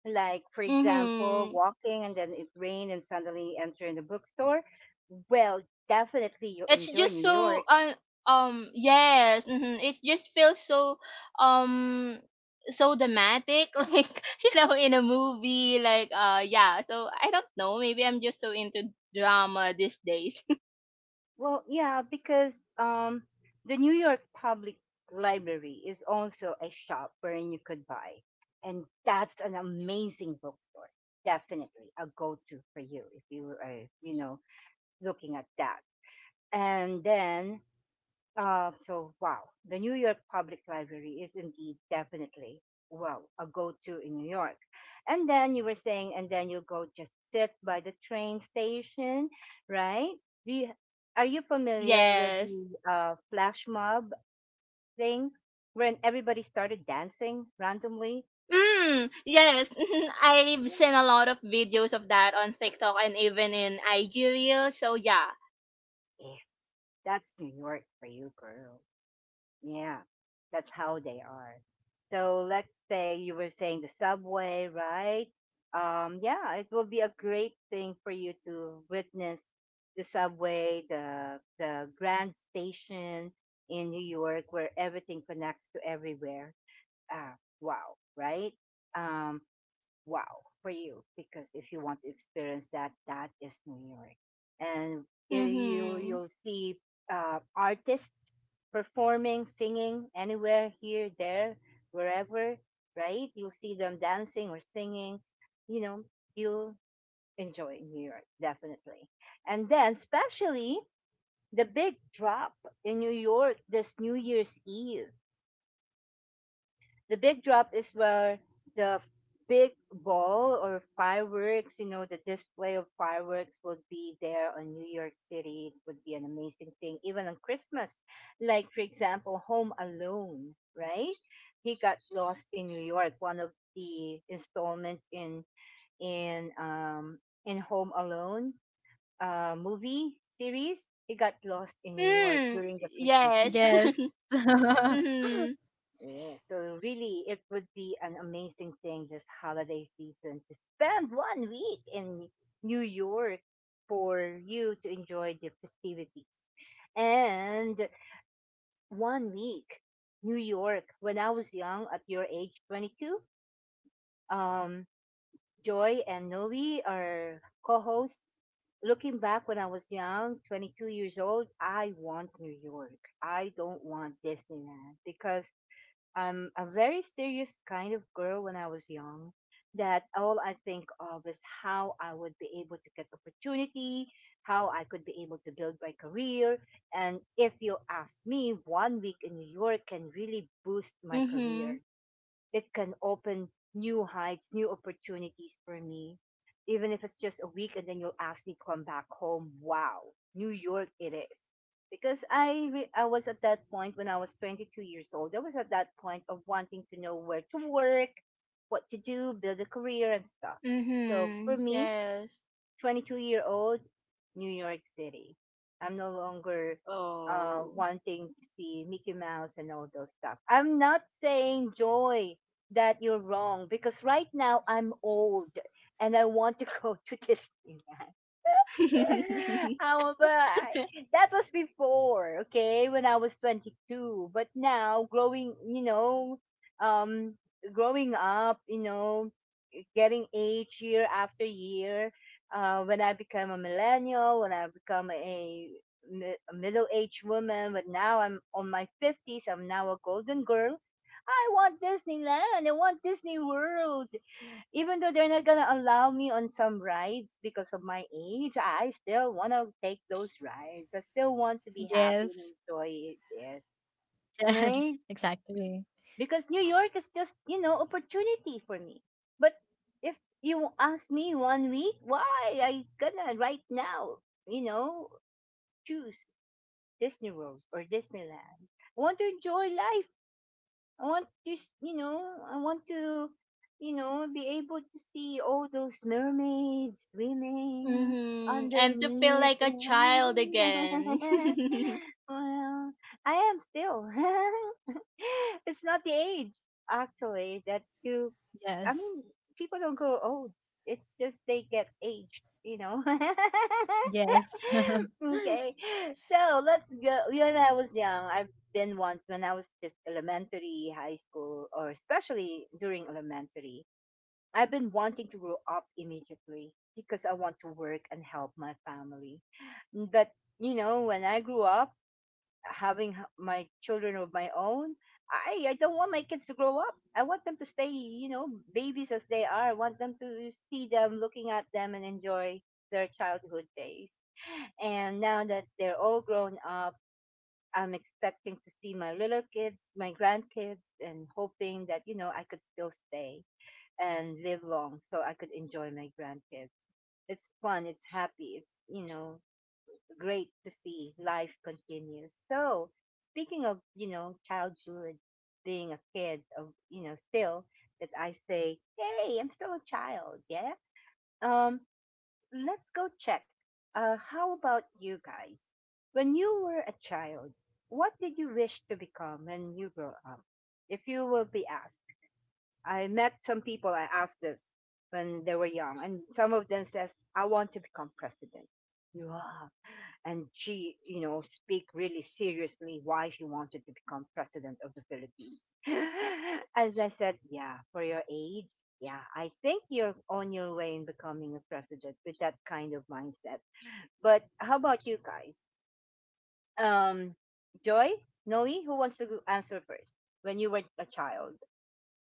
Like, for example, Mm-hmm. walking and then it rained and suddenly enter in the bookstore. Well, definitely you'll It's enjoy just New so York. Yes, it just feels so um so dramatic. (laughs) Like, you know, in a movie, like yeah. So I don't know, maybe I'm just so into drama these days. Well, yeah, because the New York Public Library is also a shop wherein you could buy, and that's an amazing bookstore. Definitely a go-to for you if you are, looking at that. And then so wow, the New York Public Library is indeed definitely well a go-to in New York. And then you were saying, and then you go just sit by the train station, right? Do you, are you (laughs) familiar with Yes. the flash mob thing, when everybody started dancing randomly? Mm, yes. Mhm, I've seen a lot of videos of that on TikTok and even in IG Reel, so yeah. Yes, that's New York for you, girl. Yeah, that's how they are. So let's say you were saying the subway, right? Yeah, it will be a great thing for you to witness the subway, the Grand Station in New York, where everything connects to everywhere. Ah, wow, right? Um, wow for you because if you want to experience that, that is New York, and i- you Mm-hmm. you'll see artists performing, singing anywhere here, there, wherever, right? You'll see them dancing or singing. You know, you'll enjoy New York definitely, and then especially the big drop in New York this New Year's Eve. The big drop is where the big ball or fireworks, the display of fireworks would be there on New York City. It would be an amazing thing, even on Christmas. Like, for example, Home Alone, right? He got lost in New York, one of the installment in um in Home Alone movie series. He got lost in New York Mm, during the Christmas yes. (laughs) season. Yes. Yeah. Mm-hmm. Yeah, so really, it would be an amazing thing this holiday season to spend one week in New York for you to enjoy the festivities. And one week, New York. When I was young, at your age, 22, um, Joy and Noe are co-hosts. Looking back when I was young, 22 years old, I want New York. I don't want Disneyland because I'm a very serious kind of girl when I was young that all I think of is how I would be able to get opportunity, how I could be able to build my career. And if you ask me, one week in New York can really boost my Mm-hmm. career. It can open new heights, new opportunities for me. Even if it's just a week and then you'll ask me to come back home. Wow, New York it is. Because I was at that point when I was 22 years old. I was at that point of wanting to know where to work, what to do, build a career and stuff. So for Mm-hmm. me, Yes. 22-year-old, New York City. I'm no longer Oh. wanting to see Mickey Mouse and all those stuff. I'm not saying, Joy, that you're wrong because right now I'm old and I want to (laughs) go to Disneyland. (laughs) (laughs) oh, but that was before, okay, when I was 22. But now, um, growing up, getting age year after year. When I become a millennial, when I become a middle-aged woman, but now I'm on my 50s, I'm now a golden girl. I want Disneyland. I want Disney World. Even though they're not gonna allow me on some rides because of my age, I still want to take those rides. I still want to be happy and Yes. enjoy it. Yes. Right? (laughs) Exactly. Because New York is just, opportunity for me. But if you ask me one week, why I gonna right now, you know, choose Disney World or Disneyland? I want to enjoy life. I want to, you know, I want to, be able to see all those mermaids swimming Mhm. And to feel underneath. like a (laughs) child again. (laughs) well, I am still. (laughs) (gasps) (laughs) it's not the age actually that you, I Yes. mean, people don't grow old. It's just they get aged. (laughs) Yes. (laughs) okay, so let's go. When I was young, I've been once when I was just elementary high school or especially during elementary. I've been wanting to grow up immediately because I want to work and help my family. But when I grew up, having my children of my own, I don't want my kids to grow up. I want them to stay, babies as they are. I want them to see them, looking at them, and enjoy their childhood days. And now that they're all grown up, I'm expecting to see my little kids, my grandkids, and hoping that I could still stay and live long so I could enjoy my grandkids. It's fun. It's happy. It's great to see life continues. So, speaking of, childhood, being a kid of, still that I say, hey, I'm still a child, yeah? Um, let's go check. How about you guys? When you were a child, what did you wish to become when you grow up? If you will be asked, I met some people I asked this when they were young, and some of them says, I want to become president. Wow, and she, speak really seriously why she wanted to become president of the Philippines. (laughs) As I said, yeah, for your age, yeah, I think you're on your way in becoming a president with that kind of mindset. But how about you guys? Um, Joy, Noe, who wants to answer first? When you were a child,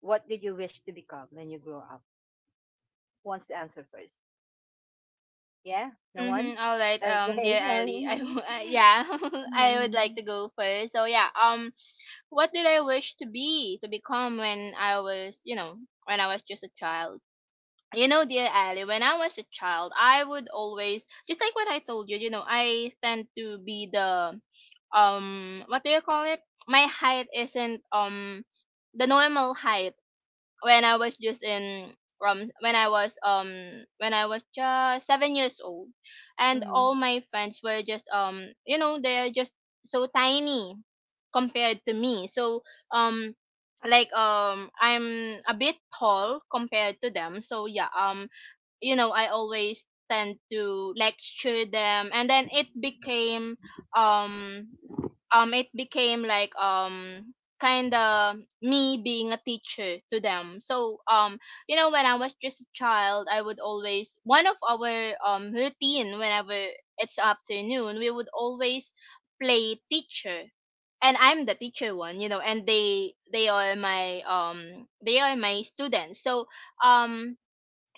what did you wish to become when you grow up? Who wants to answer first? Yeah, no Mm-hmm. one. All right, Okay, dear (laughs) Ali, Noe. (laughs) Yeah, (laughs) I would like to mm, go first. So yeah, what did I wish to be, to become when I was, you know, when I was just a child? You know, dear Ali, when I was a child, I would always, just like what I told you, you know, I tend to be the what do you call it? My height isn't the normal height when I was just in when I was just 7 years old, and all mm, my friends were just you know, they're just so tiny compared to me. So um I'm a bit tall compared to them. So yeah, you know, I always tend to lecture them, and then it became um it became like kind of me being a teacher to them. So you know, when I was just a child, I would always, one of our routine, whenever it's afternoon, we would always play teacher, and I'm the teacher one, you know, and they are my they are my students. So um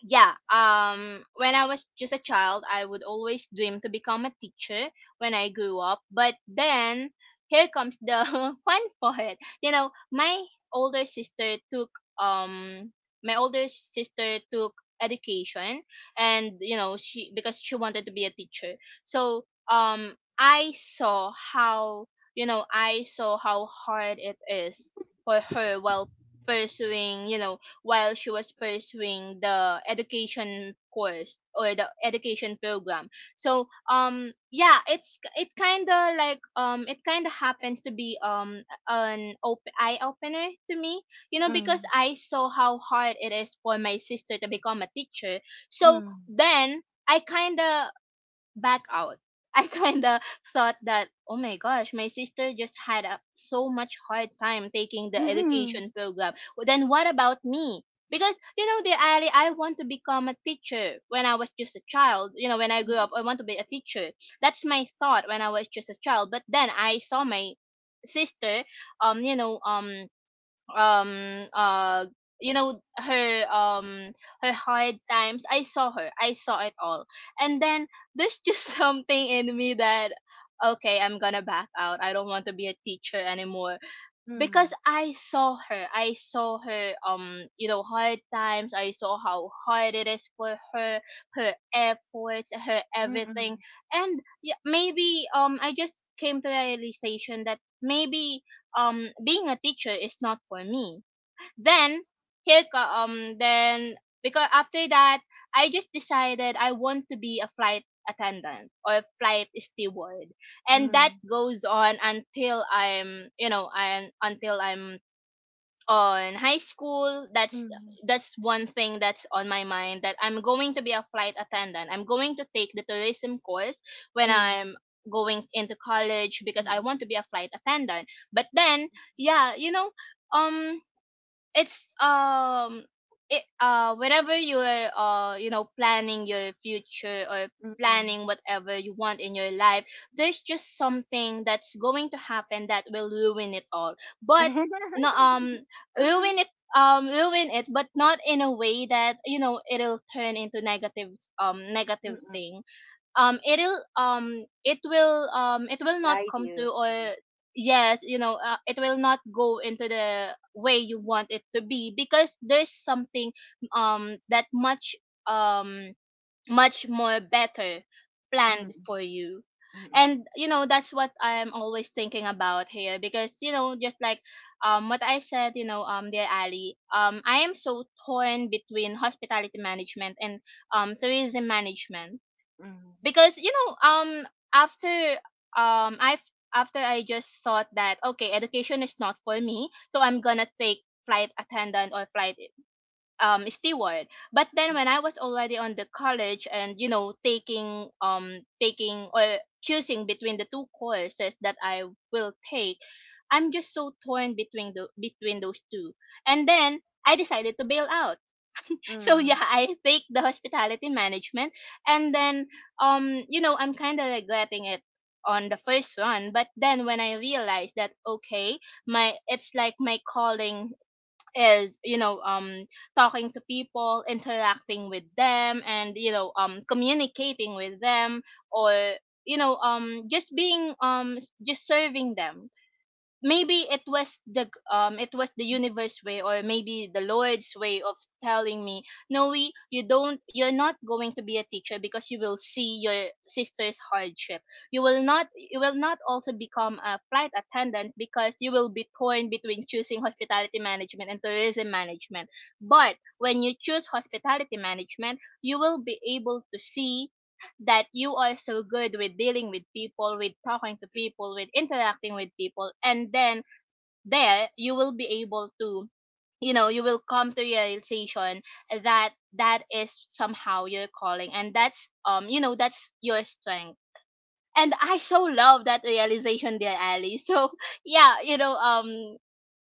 yeah, when I was just a child, I would always dream to become a teacher when I grew up. But then, here comes the (laughs) fun part. You know, my older sister took um my older sister took education. And you know, she, because she wanted to be a teacher. So I saw how, you know, I saw how hard it is for her while pursuing, you know, while she was pursuing the education course or the education program. So yeah, it's, it kind of like it kind of happens to be an eye opener to me. You know, because mm. I saw how hard it is for my sister to become a teacher. So Mm, then I kind of back out. (laughs) I kind of thought that, oh my gosh, my sister just had a, so much hard time taking the mm, education program. Well, then what about me? Because, you know, dear Ali, I want to become a teacher when I was just a child. You know, when I grew mm, up, I want to be a teacher. That's my thought when I was just a child. But then I saw my sister, um, you know, um, um uh you know, her her hard times, I saw her, I saw it all. And then there's just (laughs) something in me that, okay, I'm gonna back out, I don't want to be a teacher anymore. Because mm, I saw her. I saw her, you know, hard times. I saw how hard it is for her, her efforts, her everything. mm, And yeah, maybe I just came to the realization that maybe being a teacher is not for me. Then here co- um then because after that, I just decided I want to be a flight attendant or a flight steward. And that mm, goes on until I'm, you know, I'm, until I'm on high school. That's one thing that's on my mind, that I'm going to be a flight attendant, I'm going to take the tourism course when mm, I'm going into college, because mm, I want to be a flight attendant. But then, yeah, you know, um it's um it, whenever you're, you know, planning your future or mm. planning whatever you want in your life, there's just something that's going to happen that will ruin it all. But no, (laughs) ruin it, ruin it, but not in a way that, you know, it'll turn into negative, negative Mm-mm. thing. It'll, it will not Guide come you. to, Yeah. or yes, you know, it will not go into the way you want it to be, because there's something that much um much more better Mm, planned for you. mm, And you know, that's what I'm always thinking about here, because you know, just like what I said, you know, dear Ali, I am so torn between hospitality management and tourism management. mm, Because you know, after um I've I just thought that, okay, education is not for me, so I'm gonna take flight attendant or flight steward. But then when I was already on the college and, you know, taking or choosing between the two courses that I will take, I'm just so torn between the between those two. And then I decided to bail out. (laughs) So mm. yeah, I take the hospitality management, and then you know, I'm kind of regretting it on the first one. But then when I realized that, okay, my it's like my calling is, you know, talking to people, interacting with them, and you know, communicating with them, or you know, just being just serving them. Maybe it was the universe way, or maybe the Lord's way of telling me, no, we you don't, you're not going to be a teacher because you will see your sister's hardship. You will not, you will not also become a flight attendant because you will be torn between choosing hospitality management and tourism management. But when you choose hospitality management, you will be able to see that you are so good with dealing with people, with talking to people, with interacting with people. And then there you will be able to, you know, you will come to realization that that is somehow your calling, and that's, you know, that's your strength. And I so love that realization, dear Ali. So (laughs) yeah, you know, um,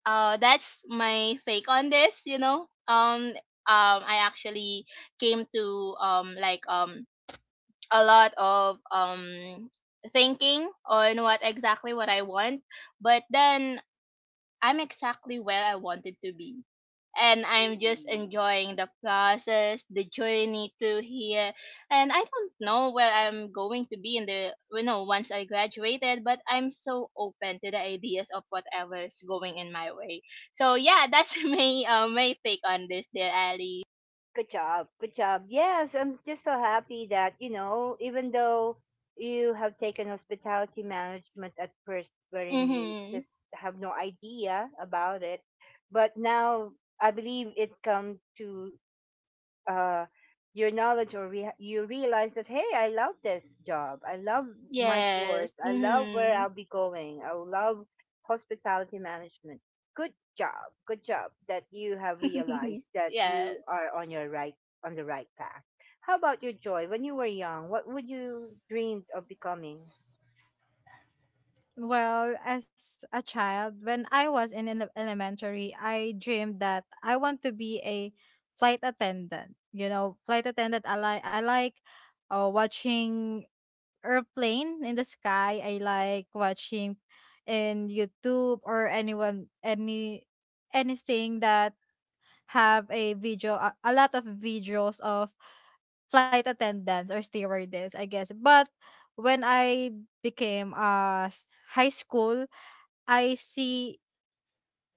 uh, that's my take on this. You know, I actually came to a lot of thinking on what exactly what I want, but then I'm exactly where I wanted to be. And I'm just Yay. enjoying the process, the journey to here. And I don't know where I'm going to be in the you know, once I graduated, but I'm so open to the ideas of whatever's going in my way. So yeah, that's (laughs) my my take on this, dear Ali. Good job. Good job. Yes, I'm just so happy that, even though you have taken hospitality management at first, wherein you Mhm. just have no idea about it, but now I believe it come to uh, your knowledge, or you realize that hey, I love this job, I love my Yes. course, I love where Mhm. I'll be going, I love hospitality management. Good job, good job that you have (laughs) realized that you Yes. are on your right, on the right path. How about you, Joy? When you were young, what would you dreamed of becoming? Well, as a child, when I was in elementary, I dreamed that I want to be a flight attendant. You know, flight attendant. I like, watching airplane in the sky. I like watching in YouTube, or anyone any anything that have a video, a lot of videos of flight attendants or stewardess, I guess. But when I became high school, I see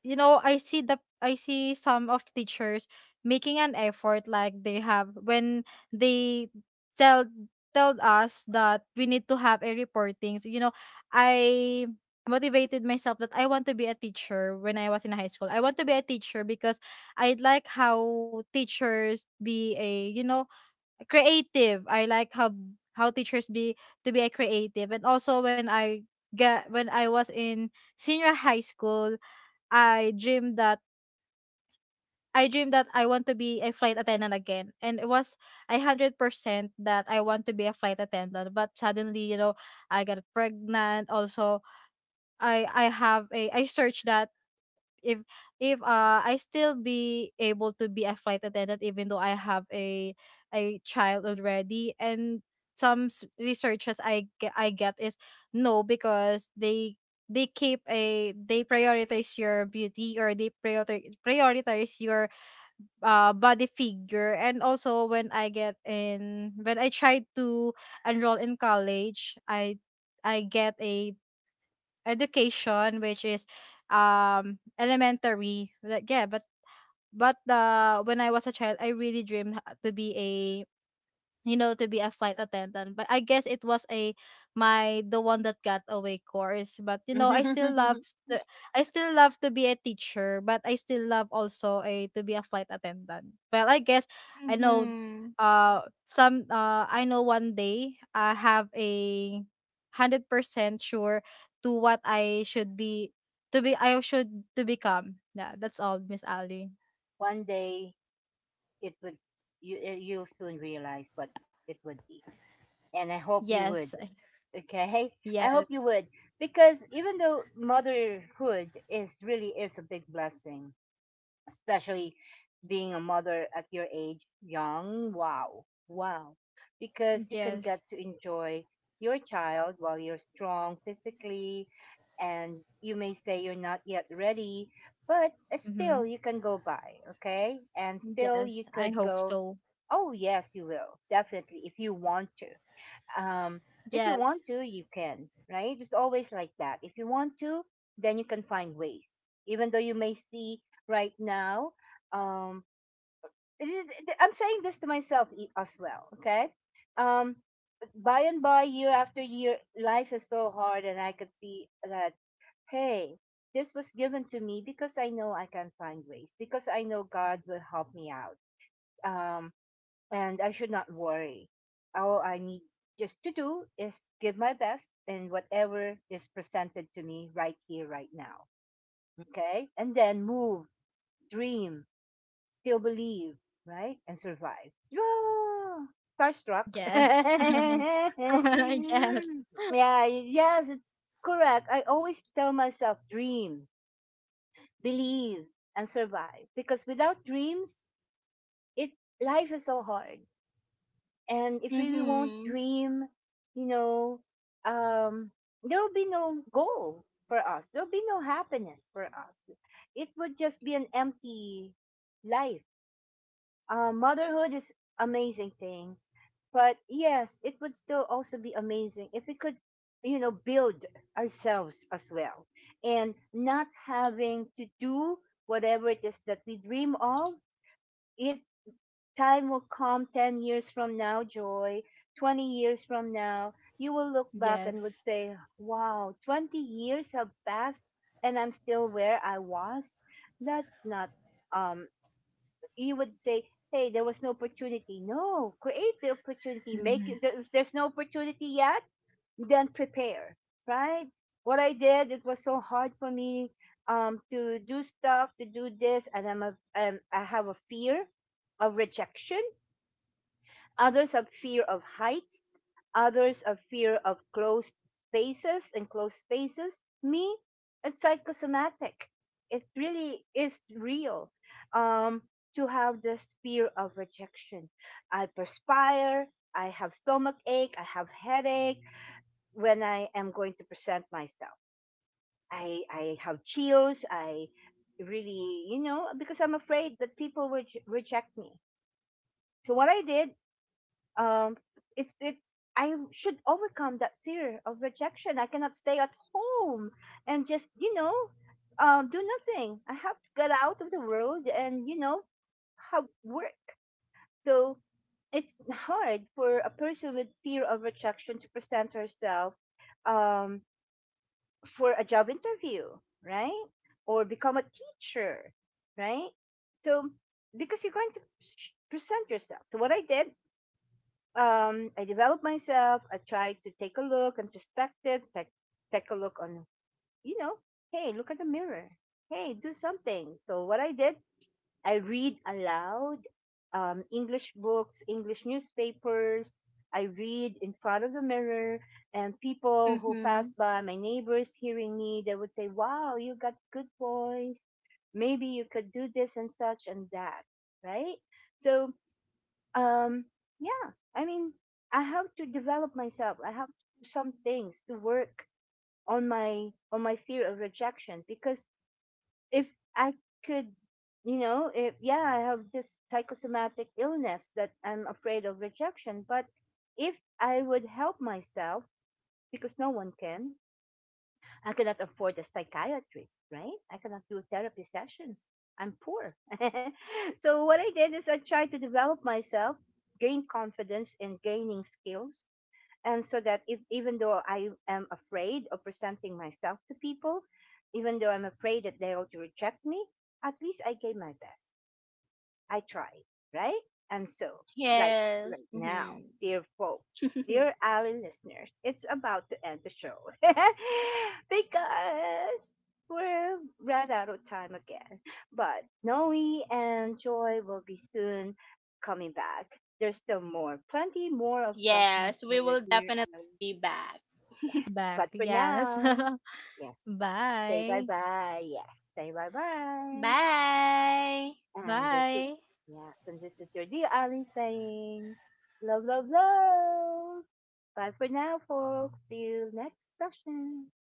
I see the I see some of teachers making an effort, like they have when they tell told us that we need to have a reportings. You know, I motivated myself that I want to be a teacher when I was in high school. I want to be a teacher because I like how teachers be a creative. I like how teachers be, to be a creative. And also, when I get when I was in senior high school, I dreamed that I dreamed that I want to be a flight attendant again. And it was 100% that I want to be a flight attendant. But suddenly, I got pregnant. Also, I have a I searched that, if if, I still be able to be a flight attendant, even though I have a child already. And some researches I get is no, because they keep a they prioritize your beauty, or they prioritize your, body figure. And also, when I get in when I tried to enroll in college, I get a education, which is, elementary, like, yeah. But when I was a child, I really dreamed, to be, to be a flight attendant. But I guess it was a my the one that got away course. But, (laughs) to, I still love to be a teacher, but I still love also a to be a flight attendant. Well, I guess, I know Mm-hmm. I know, one day I have 100% sure to what I should be, to be I should to become. Yeah, that's all, Miss Ali. one day, it would you you'll soon realize what it would be, and I hope you Yes. would. Okay, I hope you Yes. would, because even though motherhood is a big blessing, especially being a mother at your age, young. Wow, wow, because you can Yes. get to enjoy your child while you're strong physically, and you may say you're not yet ready, but Mm-hmm. still you can go by, okay, and still Yes, you I could hope go. so. Oh yes, you will definitely if you want to um, if you Yes, want to, you can, right? It's always like that. If you want to, then you can find ways. Even though you may see right now, um, I'm saying this to myself as well, okay? Um, by and by, year after year, life is so hard, and I could see that, hey, this was given to me because I know I can find ways, because I know God will help me out. Um, and I should not worry. All I need just to do is give my best in whatever is presented to me right here, right now. Okay? And then move, dream, still believe, right? And survive. Yeah. Starstruck. (laughs) yes, (laughs) yeah, yes, yes, it's correct. I always tell myself dream, believe, and survive. Because without dreams, it life is so hard. And if we won't Mm-hmm. dream, you know um there'll be no goal for us, there'll be no happiness for us. It would just be an empty life. Motherhood is amazing thing, but yes, it would still also be amazing if we could, build ourselves as well, and not having to do whatever it is that we dream of it. Time will come, 10 years from now, Joy, 20 years from now. You will look back and would yes. say, wow, 20 years have passed and I'm still where I was. That's not, um, you would say, hey, there was no opportunity. No, create the opportunity. Mhm. Make it, if there's no opportunity yet, then prepare, right? What I did, it was so hard for me to do stuff, to do this, and I have a fear of rejection. Others have fear of heights, others have fear of closed spaces and closed spaces. Me, it's psychosomatic. It really is real, um, to have this fear of rejection. I perspire, I have stomach ache, I have headache when I am going to present myself. I have chills, I really, you know, because I'm afraid that people will reject me. So what I did, um it's it I should overcome that fear of rejection. I cannot stay at home and just, do nothing. I have to get out of the world and, have work. So it's hard for a person with fear of rejection to present herself, um for a job interview, right? Or become a teacher, right? So, because you're going to present yourself. So what I did, I developed myself. I tried to take a look and perspective, take a look on, you know, hey, look at the mirror. Hey, do something. So what I did, I read aloud English books, English newspapers. I read in front of the mirror, and people who Mm-hmm. pass by, my neighbors hearing me, they would say, wow, you got good voice. Maybe you could do this and such and that, right? So, um yeah, I mean, I have to develop myself, I have to do some things to work on my fear of rejection. Because if I could, you know, if, yeah, I have this psychosomatic illness that I'm afraid of rejection, but if I would help myself, because no one can. I cannot afford a psychiatrist, right? I cannot do therapy sessions. I'm poor. (laughs) So what I did is I tried to develop myself, gain confidence and gaining skills. And so that if, even though I am afraid of presenting myself to people, even though I'm afraid that they ought to reject me, at least I gave my best. I tried, right? And so, right, Yes. right now, Mm-hmm. dear folks, dear Ali listeners, it's about to end the show (laughs) because we're right out of time again. But Noe and Joy will be soon coming back. There's still more, plenty more (laughs) of sessions Yes, for we your will dear Ali. definitely be back. Yes, Back, but for yes. now, (laughs) yes, say Bye. bye bye. Yes, say bye bye. Bye. And this Bye. is, yes, and this is your dear Ali saying, love, love, love. Bye for now, folks. See you next session.